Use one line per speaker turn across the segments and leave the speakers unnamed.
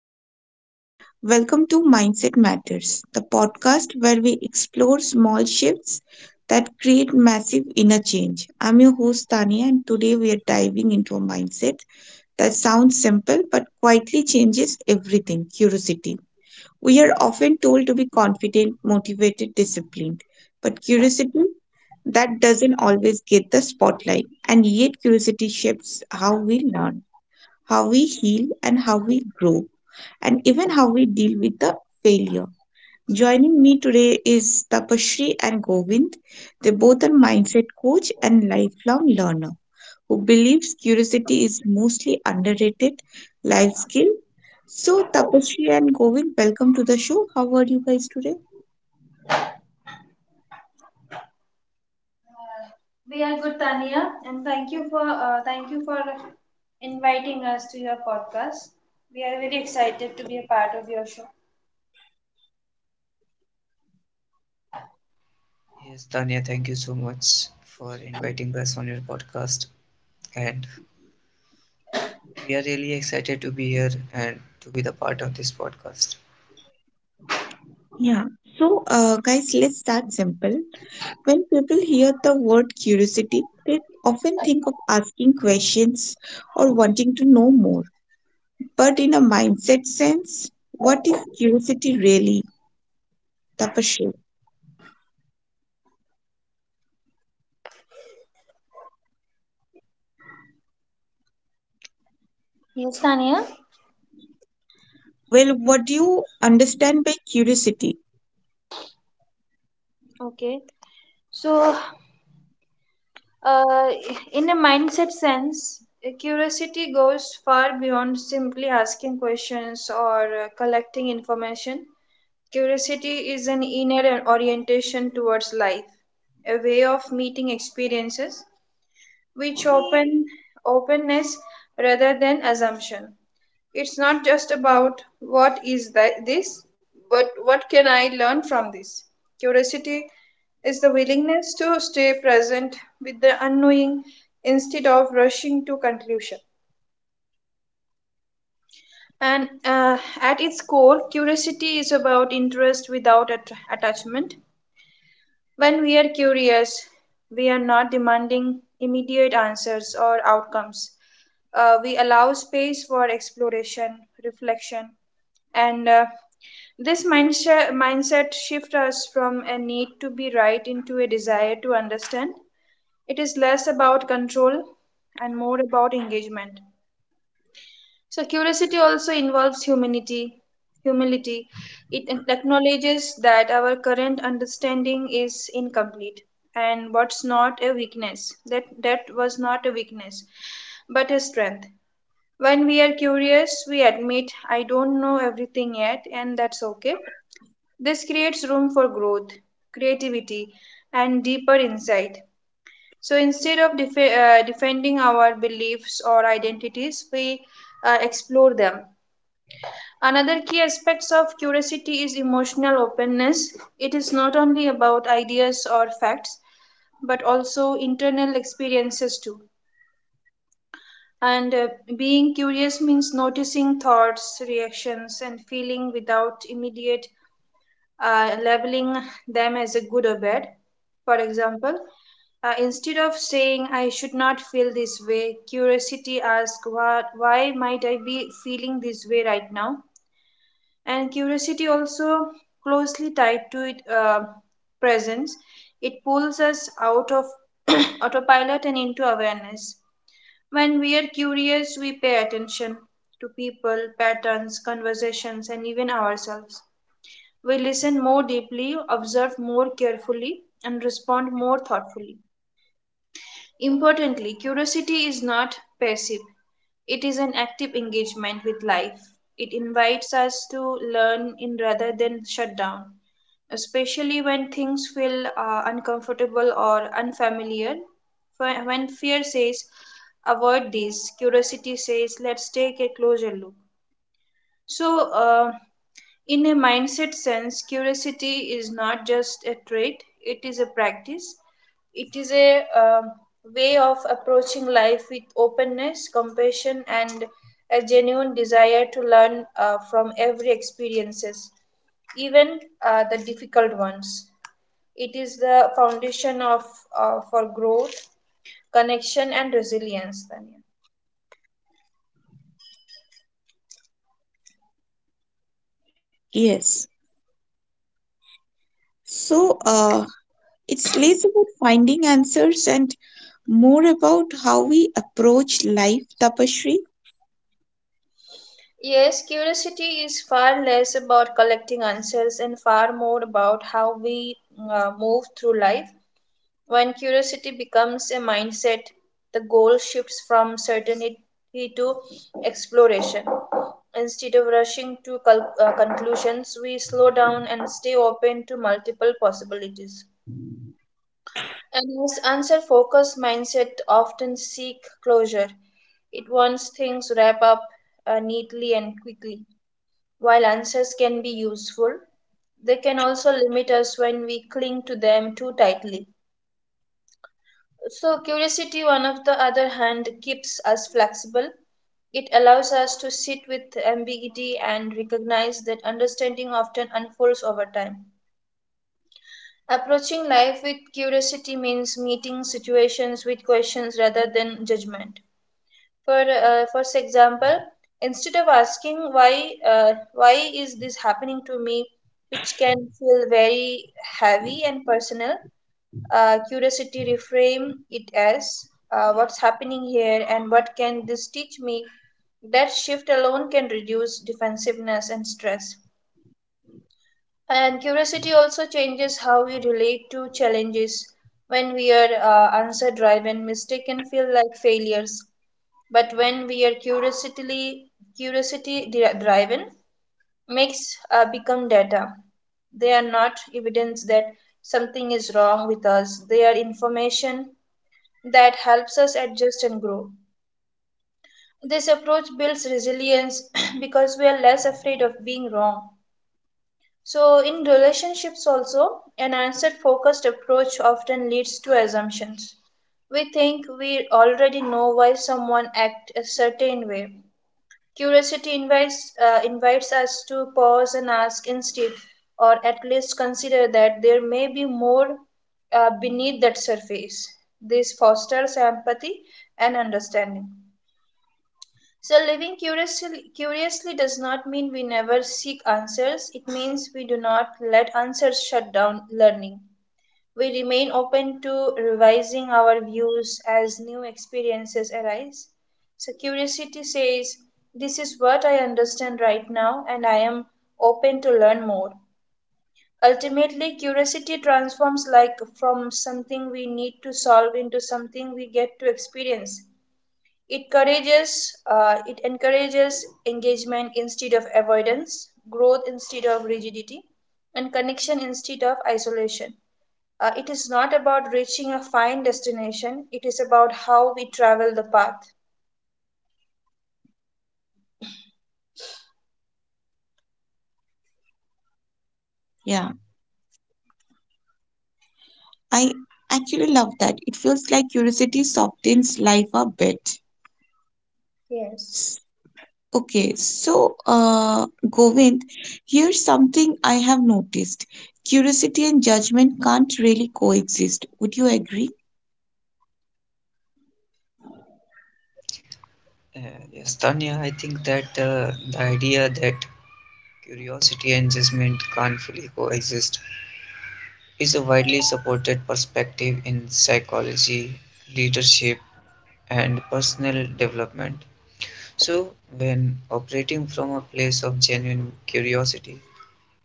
everyone. Welcome to Mindset Matters, the podcast where we explore small shifts that create massive inner change. I'm your host, Tania, and today we are diving into a mindset that sounds simple but quietly changes everything: curiosity. We are often told to be confident, motivated, disciplined, but curiosity, that doesn't always get the spotlight, and yet curiosity shapes how we learn, how we heal, and how we grow, and even how we deal with the failure. Joining me today is Tapasree and Govind. They both are mindset coach and lifelong learner who believes curiosity is mostly underrated life skill. So Tapasree and Govind, welcome to the show. How are you guys today?
Uh, We are good, Tania, and thank you for inviting us to your podcast. We are very excited to be a part of your show.
Yes, Tanya, thank you so much for inviting us on your podcast. And we are really excited to be here and to be the part of this podcast.
Yeah. So guys, let's start simple. When people hear the word curiosity, they often think of asking questions or wanting to know more. But in a mindset sense, what is curiosity really, Tapasya? Well, what do you understand by curiosity?
Okay, so uh, in a mindset sense, curiosity goes far beyond simply asking questions or collecting information. Curiosity is an inner orientation towards life, a way of meeting experiences which openness rather than assumption. It's not just about what is that this, but what can I learn from this? Curiosity is the willingness to stay present with the unknowing instead of rushing to conclusion. And at its core, curiosity is about interest without attachment. When we are curious, we are not demanding immediate answers or outcomes. We allow space for exploration, reflection, and this mindset shifts us from a need to be right into a desire to understand. It is less about control and more about engagement. So curiosity also involves humility. It acknowledges that our current understanding is incomplete and what's not a weakness. That that was not a weakness, but a strength. When we are curious, we admit I don't know everything yet, and that's okay. This creates room for growth, creativity, and deeper insight. So instead of defending our beliefs or identities, we explore them. Another key aspect of curiosity is emotional openness. It is not only about ideas or facts, but also internal experiences too. And being curious means noticing thoughts, reactions, and feeling without immediate labeling them as a good or bad. For example, instead of saying I should not feel this way, curiosity asks why might I be feeling this way right now? And curiosity also closely tied to it presence. It pulls us out of autopilot and into awareness. When we are curious, we pay attention to people, patterns, conversations, and even ourselves. We listen more deeply, observe more carefully, and respond more thoughtfully. Importantly, curiosity is not passive, it is an active engagement with life. It invites us to learn in rather than shut down, especially when things feel uncomfortable or unfamiliar. When fear says, avoid this, curiosity says, let's take a closer look. So, in a mindset sense, curiosity is not just a trait, it is a practice. It is a way of approaching life with openness, compassion, and a genuine desire to learn from every experiences, even the difficult ones. It is the foundation of for growth, connection, and resilience, Tanya.
Yes. So it's less about finding answers and more about how we approach life, Tapashri.
Yes, curiosity is far less about collecting answers and far more about how we move through life. When curiosity becomes a mindset, the goal shifts from certainty to exploration. Instead of rushing to conclusions, we slow down and stay open to multiple possibilities. And this answer focused mindset often seek closure. It wants things wrap up neatly and quickly. While answers can be useful, they can also limit us when we cling to them too tightly. So, curiosity, on of the other hand, keeps us flexible. It allows us to sit with ambiguity and recognize that understanding often unfolds over time. Approaching life with curiosity means meeting situations with questions rather than judgment. For example, instead of asking why is this happening to me, which can feel very heavy and personal, curiosity reframe it as what's happening here and what can this teach me. That shift alone can reduce defensiveness and stress. And curiosity also changes how we relate to challenges. When we are answer driven, mistakes can feel like failures, but when we are curiosity driven, makes become data. They are not evidence that something is wrong with us, they are information that helps us adjust and grow. This approach builds resilience because we are less afraid of being wrong. So in relationships also, an answer focused approach often leads to assumptions. We think we already know why someone acts a certain way. Curiosity invites us to pause and ask instead, or at least consider that there may be more beneath that surface. This fosters empathy and understanding. So, curiously does not mean we never seek answers, it means we do not let answers shut down learning. We remain open to revising our views as new experiences arise. So, curiosity says, this is what I understand right now, and I am open to learn more. Ultimately, curiosity transforms like from something we need to solve into something we get to experience. It it encourages engagement instead of avoidance, growth instead of rigidity, and connection instead of isolation. It is not about reaching a fine destination, it is about how we travel the path.
Yeah. I actually love that. It feels like curiosity softens life a bit.
Yes.
S- Okay, so Govind, here's something I have noticed. Curiosity and judgment can't really coexist. Would you agree?
Uh, yes, Tanya, I think that the idea that curiosity and judgment can't fully coexist is a widely supported perspective in psychology, leadership, and personal development. So, when operating from a place of genuine curiosity,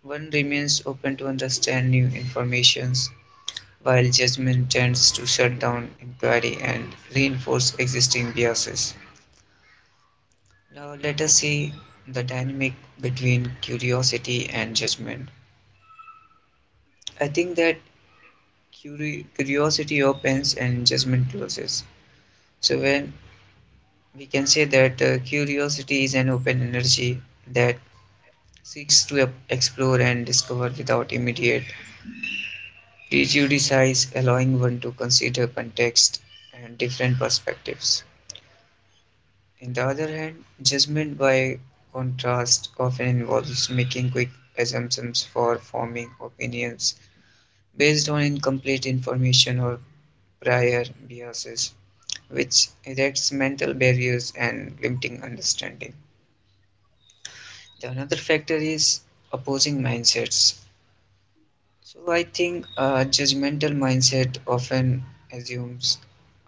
one remains open to understand new informations while judgment tends to shut down inquiry and reinforce existing biases. Now, let us see the dynamic between curiosity and judgment. I think that curiosity opens and judgment closes. So, when we can say that curiosity is an open energy that seeks to explore and discover without immediate prejudice, allowing one to consider context and different perspectives. In the other hand, judgment by contrast often involves making quick assumptions for forming opinions based on incomplete information or prior biases, which erects mental barriers and limiting understanding. The another factor is opposing mindsets. So I think a judgmental mindset often assumes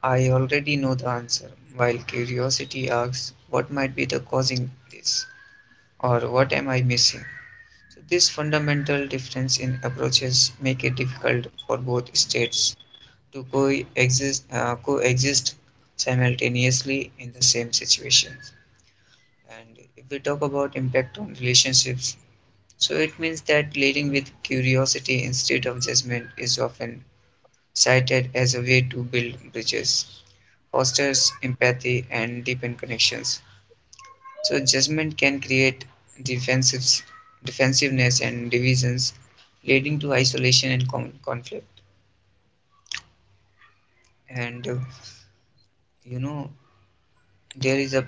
I already know the answer, while curiosity asks what might be the causing this, or what am I missing? So this fundamental difference in approaches make it difficult for both states to coexist, coexist simultaneously in the same situation. And if we talk about impact on relationships, so it means that leading with curiosity instead of judgment is often cited as a way to build bridges, fosters empathy, and deepen connections. So judgment can create defensives, defensiveness and divisions, leading to isolation and conflict. And you know there is a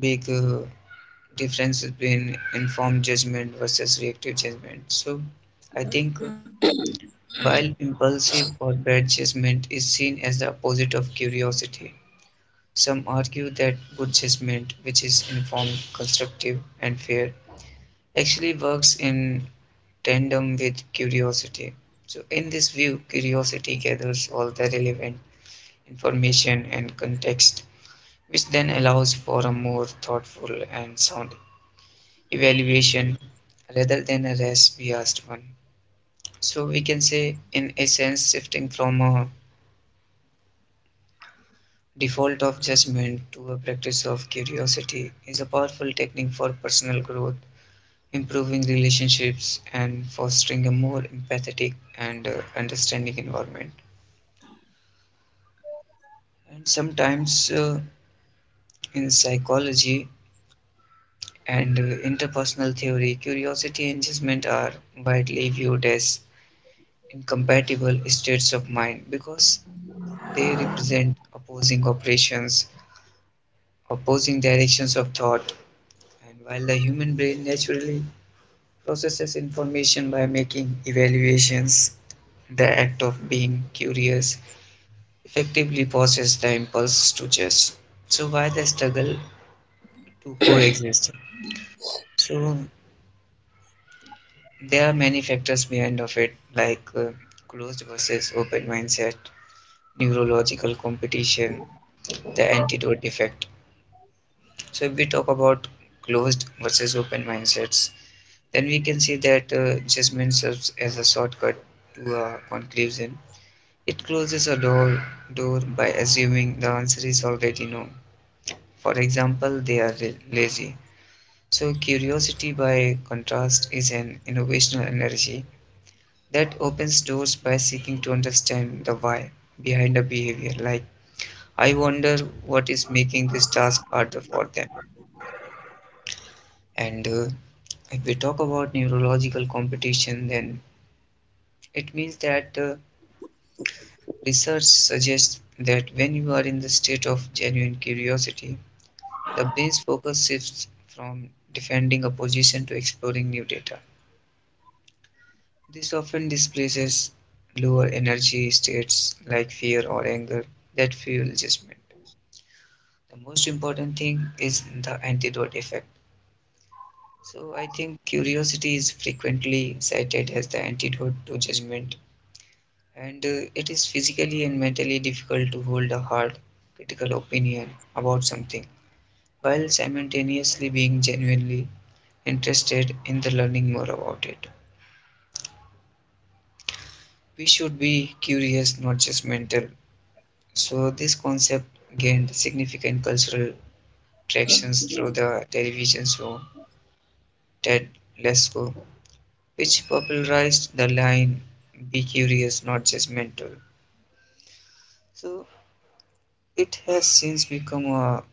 big difference between informed judgment versus reactive judgment. So I think while impulsive or bad judgment is seen as the opposite of curiosity, some argue that good judgment, which is informed, constructive, and fair, actually works in tandem with curiosity. So, in this view, curiosity gathers all the relevant information and context, which then allows for a more thoughtful and sound evaluation rather than a race biased one. So, we can say, in essence, shifting from a default of judgment to a practice of curiosity is a powerful technique for personal growth, improving relationships, and fostering a more empathetic and understanding environment. And sometimes in psychology and interpersonal theory, curiosity and judgment are widely viewed as incompatible states of mind because they represent opposing operations, opposing directions of thought. And while the human brain naturally processes information by making evaluations, the act of being curious effectively pauses the impulse to judge. So, why the struggle to coexist? So, there are many factors behind of it, like closed versus open mindset, neurological competition, the antidote effect. So if we talk about closed versus open mindsets, then we can see that judgment serves as a shortcut to a conclusion. It closes a door by assuming the answer is already known. For example, they are lazy. So curiosity by contrast is an innovational energy that opens doors by seeking to understand the why behind a behavior. Like, I wonder what is making this task harder for them. And if we talk about neurological competition, then it means that research suggests that when you are in the state of genuine curiosity, the brain's focus shifts from defending a position to exploring new data. This often displaces lower energy states like fear or anger that fuel judgment. The most important thing is the antidote effect. So I think curiosity is frequently cited as the antidote to judgment, and it is physically and mentally difficult to hold a hard, critical opinion about something while simultaneously being genuinely interested in the learning more about it. We should be curious, not judgmental. So this concept gained significant cultural tractions through the television show Ted Lasso, which popularized the line: be curious, not judgmental. So it has since become a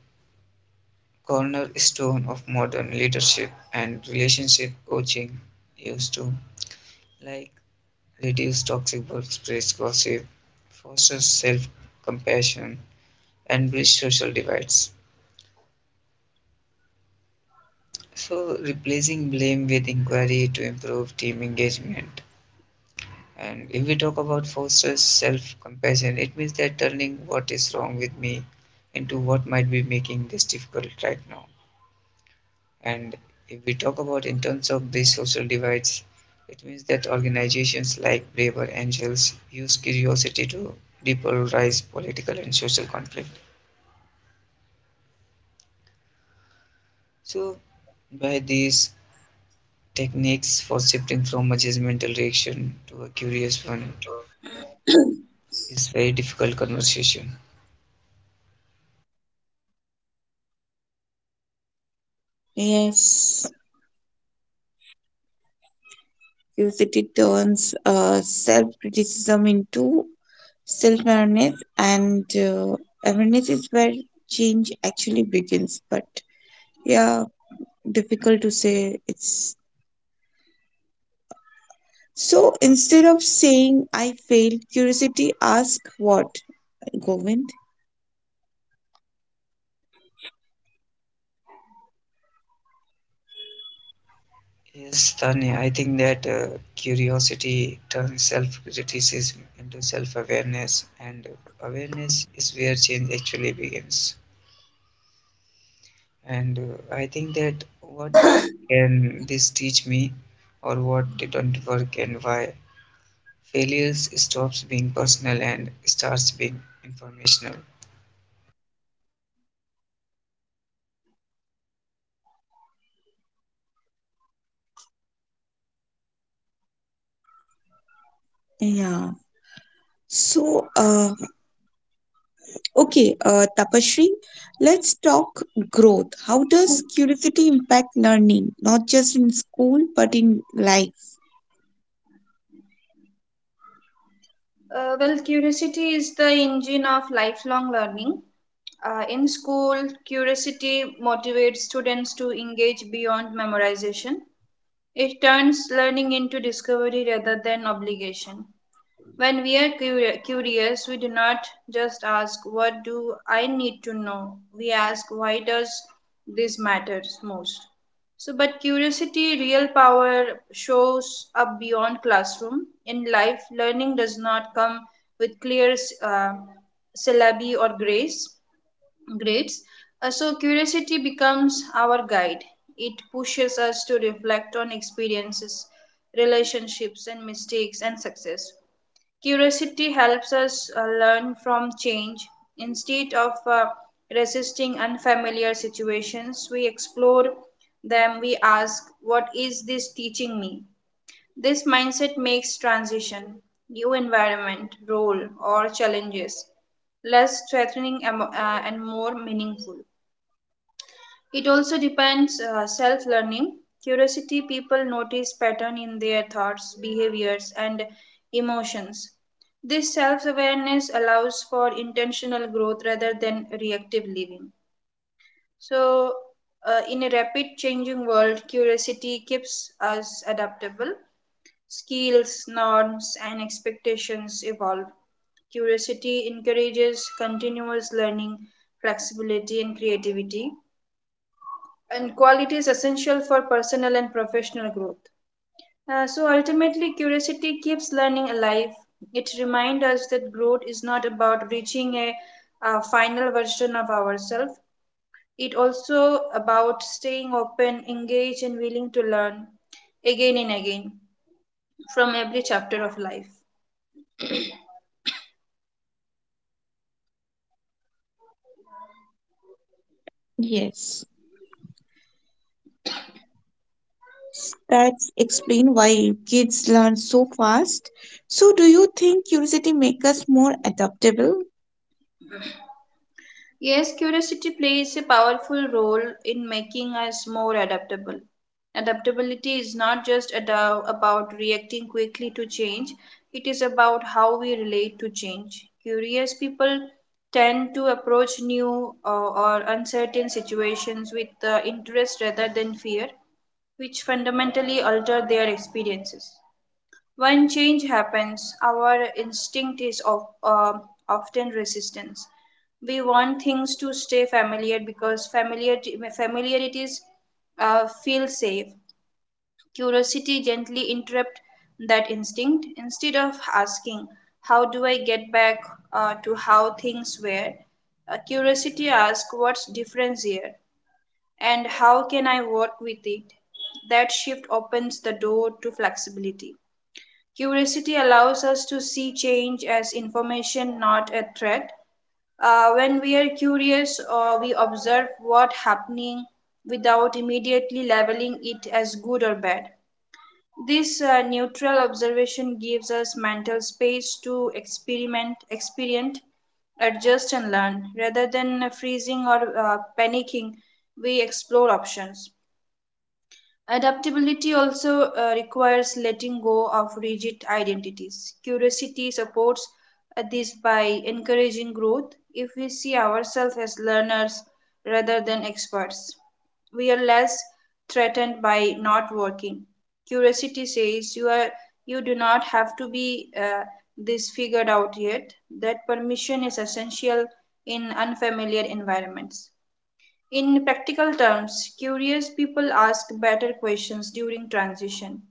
cornerstone of modern leadership and relationship coaching used to, like, reduce toxic workplace gossip, foster self compassion, and bridge social divides. So replacing blame with inquiry to improve team engagement. And if we talk about fosters self compassion, it means that turning what is wrong with me into what might be making this difficult right now. And if we talk about in terms of these social divides, it means that organizations like Braver Angels use curiosity to depolarize political and social conflict. So, by these techniques for shifting from a judgmental reaction to a curious one is very difficult conversation.
Yes, curiosity turns self criticism into self awareness, and awareness is where change actually begins. But yeah, difficult to say. It's so instead of saying I failed, curiosity ask what, Govind?
Yes, Tanya, I think that curiosity turns self criticism into self awareness, and awareness is where change actually begins. And I think that what can this teach me, or what didn't work, and why failures stops being personal and starts being informational.
Yeah. So, uh, okay, Tapashri, let's talk growth. How does curiosity impact learning, not just in school, but in life?
Well, curiosity is the engine of lifelong learning. In school, curiosity motivates students to engage beyond memorization. It turns learning into discovery rather than obligation. When we are curious, we do not just ask, what do I need to know? We ask, why does this matter most? So, but curiosity, real power shows up beyond classroom. In life, learning does not come with clear uh, syllabi or grades. So, curiosity becomes our guide. It pushes us to reflect on experiences, relationships, and mistakes and success. Curiosity helps us learn from change. Instead of resisting unfamiliar situations, we explore them. We ask, what is this teaching me? This mindset makes transition, new environment, role, or challenges less threatening, and more meaningful. It also depends self learning. Curiosity people notice pattern in their thoughts, behaviors, and emotions. This self awareness allows for intentional growth rather than reactive living. So in a rapid changing world, curiosity keeps us adaptable. Skills, norms, and expectations evolve. Curiosity encourages continuous learning, flexibility, and creativity, and quality is essential for personal and professional growth. So ultimately, curiosity keeps learning alive. It reminds us that growth is not about reaching a final version of ourselves. It also about staying open, engaged, and willing to learn again and again from every chapter of life.
Yes, that's explain why kids learn so fast. So, do you think curiosity makes us more adaptable?
Yes, curiosity plays a powerful role in making us more adaptable. Adaptability is not just about reacting quickly to change, it is about how we relate to change. Curious people tend to approach new or uncertain situations with interest rather than fear, which fundamentally alter their experiences. When change happens, our instinct is often resistance. We want things to stay familiar because familiarities feel safe. Curiosity gently interrupts that instinct. Instead of asking, how do I get back to how things were? Curiosity asks, what's different here? And how can I work with it? That shift opens the door to flexibility. Curiosity allows us to see change as information, not a threat. When we are curious, we observe what happening without immediately labeling it as good or bad. This neutral observation gives us mental space to experiment, adjust, and learn. Rather than freezing or panicking, we explore options. Adaptability also requires letting go of rigid identities. Curiosity supports this by encouraging growth. If we see ourselves as learners rather than experts, we are less threatened by not working. Curiosity says you are you do not have to be this figured out yet. That permission is essential in unfamiliar environments. In practical terms, curious people ask better questions during transition.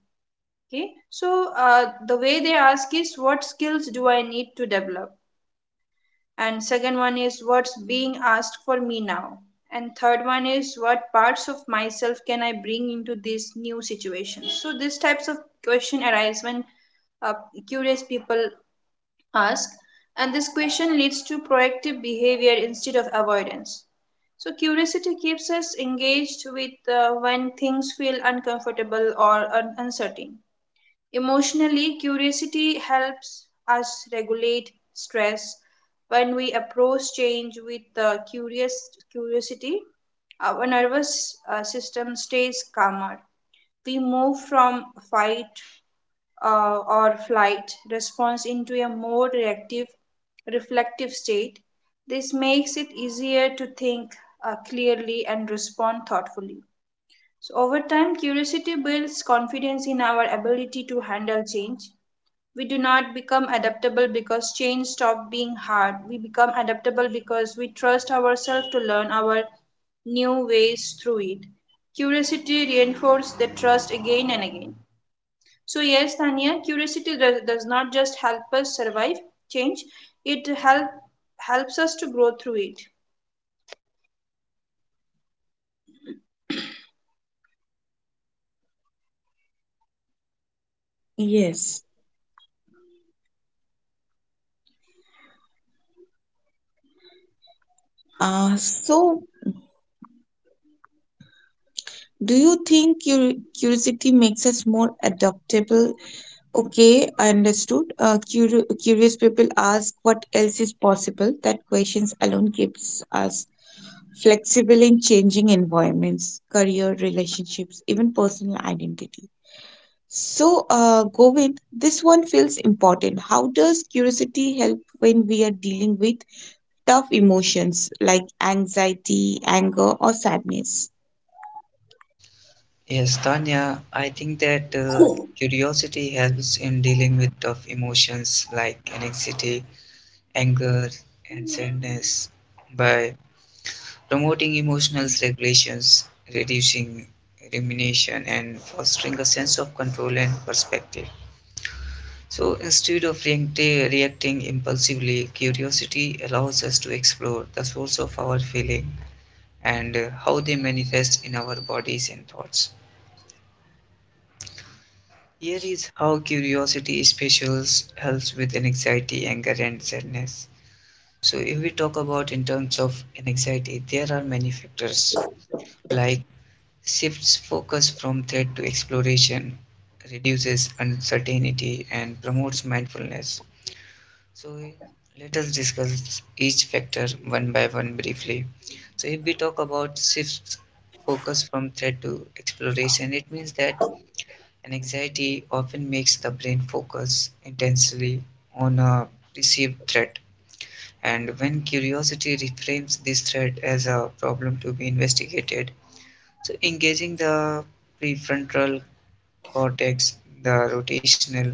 Okay, so the way they ask is, what skills do I need to develop? And second one is, what's being asked for me now? And third one is, what parts of myself can I bring into this new situation? So these types of question arise when uh, curious people ask, and this question leads to proactive behavior instead of avoidance. So curiosity keeps us engaged with when things feel uncomfortable or uncertain. Emotionally, curiosity helps us regulate stress. When we approach change with curious curiosity, our nervous system stays calmer. We move from fight or flight response into a more reflective state. This makes it easier to think clearly and respond thoughtfully. So, over time, curiosity builds confidence in our ability to handle change. We do not become adaptable because change stops being hard. We become adaptable because we trust ourselves to learn our new ways through it. Curiosity reinforces the trust again and again. So, yes, Tanya, curiosity does not just help us survive change, it help, helps us to grow through it.
Yes. So, do you think curiosity makes us more adaptable? Okay, I understood. Curious people ask what else is possible. That questions alone keeps us flexible in changing environments, career, relationships, even personal identity. So, Govind, this one feels important. How does curiosity help when we are dealing with tough emotions like anxiety, anger, or sadness?
Yes, Tanya, I think that curiosity helps in dealing with tough emotions like anxiety, anger, and sadness by promoting emotional regulations, reducing rumination, and fostering a sense of control and perspective. So instead of reacting impulsively, curiosity allows us to explore the source of our feeling and how they manifest in our bodies and thoughts. Here is how curiosity specials helps with anxiety, anger, and sadness. So, if we talk about in terms of anxiety, there are many factors like shifts focus from threat to exploration, reduces uncertainty, and promotes mindfulness. So, let us discuss each factor one by one briefly. So, if we talk about shifts focus from threat to exploration, it means that anxiety often makes the brain focus intensely on a perceived threat, and when curiosity reframes this threat as a problem to be investigated, so engaging the prefrontal cortex, the rotational,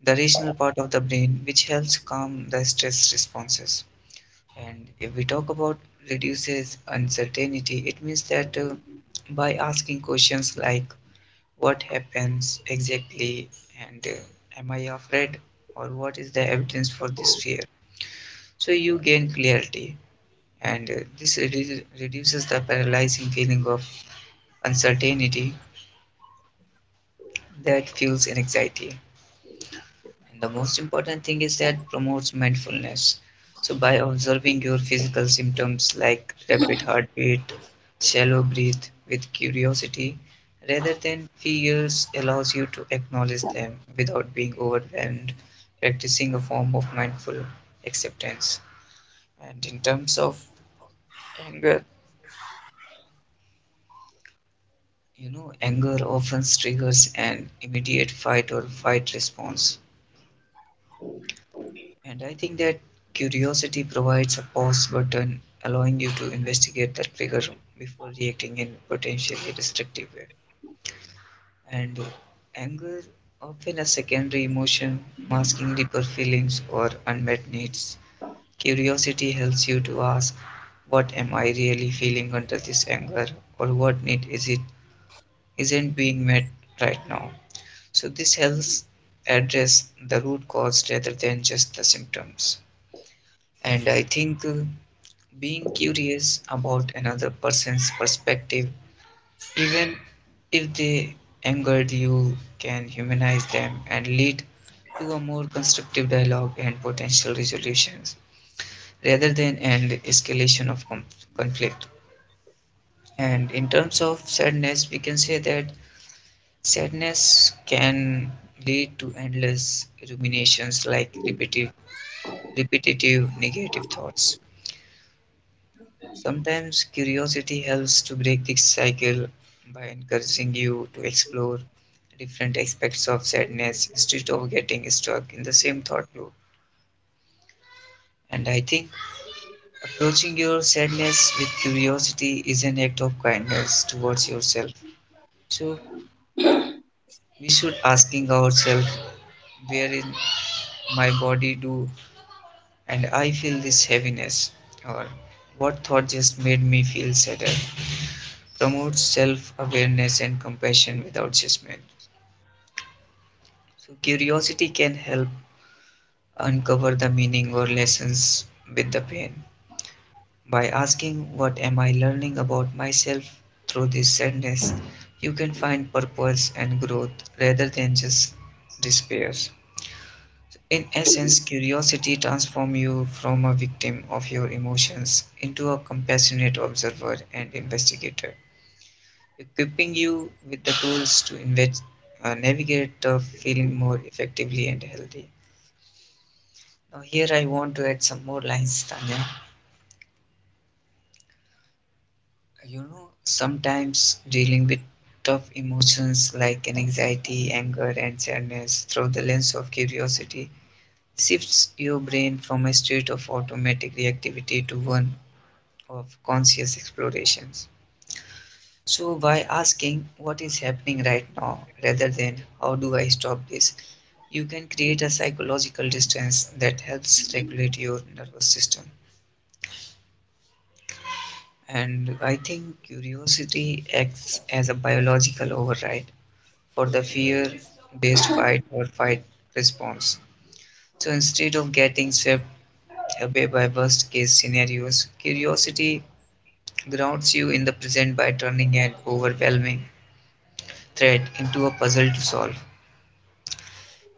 the rational part of the brain, which helps calm the stress responses. And if we talk about reduces uncertainty, it means that by asking questions like what happens exactly and am I afraid, or what is the evidence for this fear, so you gain clarity, and this reduces the paralyzing feeling of uncertainty that fuels anxiety. And the most important thing is that promotes mindfulness. So by observing your physical symptoms like rapid heartbeat, shallow breath with curiosity rather than fears allows you to acknowledge them without being overwhelmed, practicing a form of mindful acceptance. And in terms of anger, you know, anger often triggers an immediate fight or fight response. And I think that curiosity provides a pause button, allowing you to investigate the trigger before reacting in potentially destructive way. And anger, often a secondary emotion masking deeper feelings or unmet needs. Curiosity helps you to ask, what am I really feeling under this anger, or what need is it isn't being met right now? So this helps address the root cause rather than just the symptoms. And I think being curious about another person's perspective, even if they angered you, can humanize them and lead to a more constructive dialogue and potential resolutions rather than an escalation of conflict. And in terms of sadness, we can say that sadness can lead to endless ruminations like repetitive negative thoughts. Sometimes curiosity helps to break this cycle by encouraging you to explore different aspects of sadness instead of getting stuck in the same thought loop. And I think approaching your sadness with curiosity is an act of kindness towards yourself. So we should asking ourselves where in my body do and I feel this heaviness, or what thought just made me feel sadder, promotes self awareness and compassion without judgment. So, curiosity can help uncover the meaning or lessons with the pain. By asking, what am I learning about myself through this sadness, you can find purpose and growth rather than just despair. In essence, curiosity transforms you from a victim of your emotions into a compassionate observer and investigator, equipping you with the tools to navigate the feeling more effectively and healthy. Now, here I want to add some more lines, Tanya. You know, sometimes dealing with tough emotions like an anxiety, anger, and sadness through the lens of curiosity shifts your brain from a state of automatic reactivity to one of conscious explorations. So, by asking what is happening right now rather than how do I stop this, you can create a psychological distance that helps regulate your nervous system. And I think curiosity acts as a biological override for the fear based fight or fight response. So, instead of getting swept away by worst case scenarios, curiosity grounds you in the present by turning an overwhelming thread into a puzzle to solve.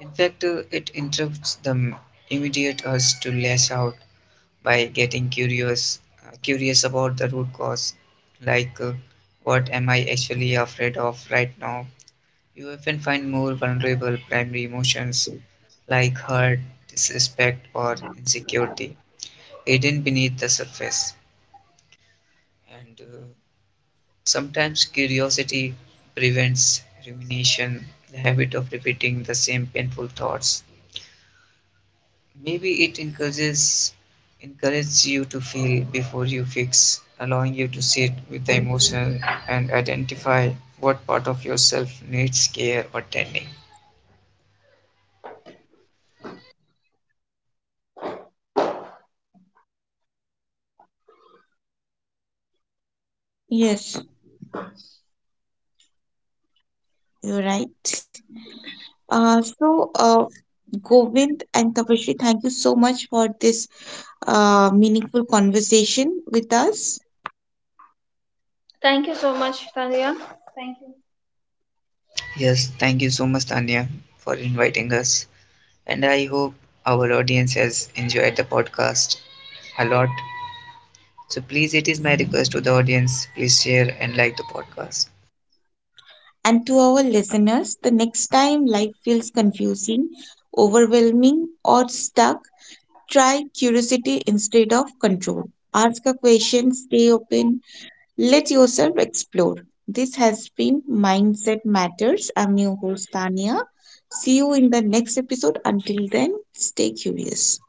In fact, it interrupts the immediate urge to lash out by getting curious about the root cause, like what am I actually afraid of right now? You often find more vulnerable primary emotions like hurt, disrespect, or insecurity hidden beneath the surface, and sometimes curiosity prevents rumination, the habit of repeating the same painful thoughts. Maybe it encourages you to feel before you fix, allowing you to sit with the emotion and identify what part of yourself needs care or tending.
Yes, you're right. Uh, so, uh, Govind and Tapashri, thank you so much for this meaningful conversation with us.
Thank you so much, Tanya.
Yes, thank you so much, Tanya, for inviting us. And I hope our audience has enjoyed the podcast a lot. So please, it is my request to the audience, please share and like the podcast.
And to our listeners, the next time life feels confusing, overwhelming, or stuck, try curiosity instead of control. Ask a question, stay open, let yourself explore. This has been Mindset Matters. I'm your host, Tania. See you in the next episode. Until then, stay curious.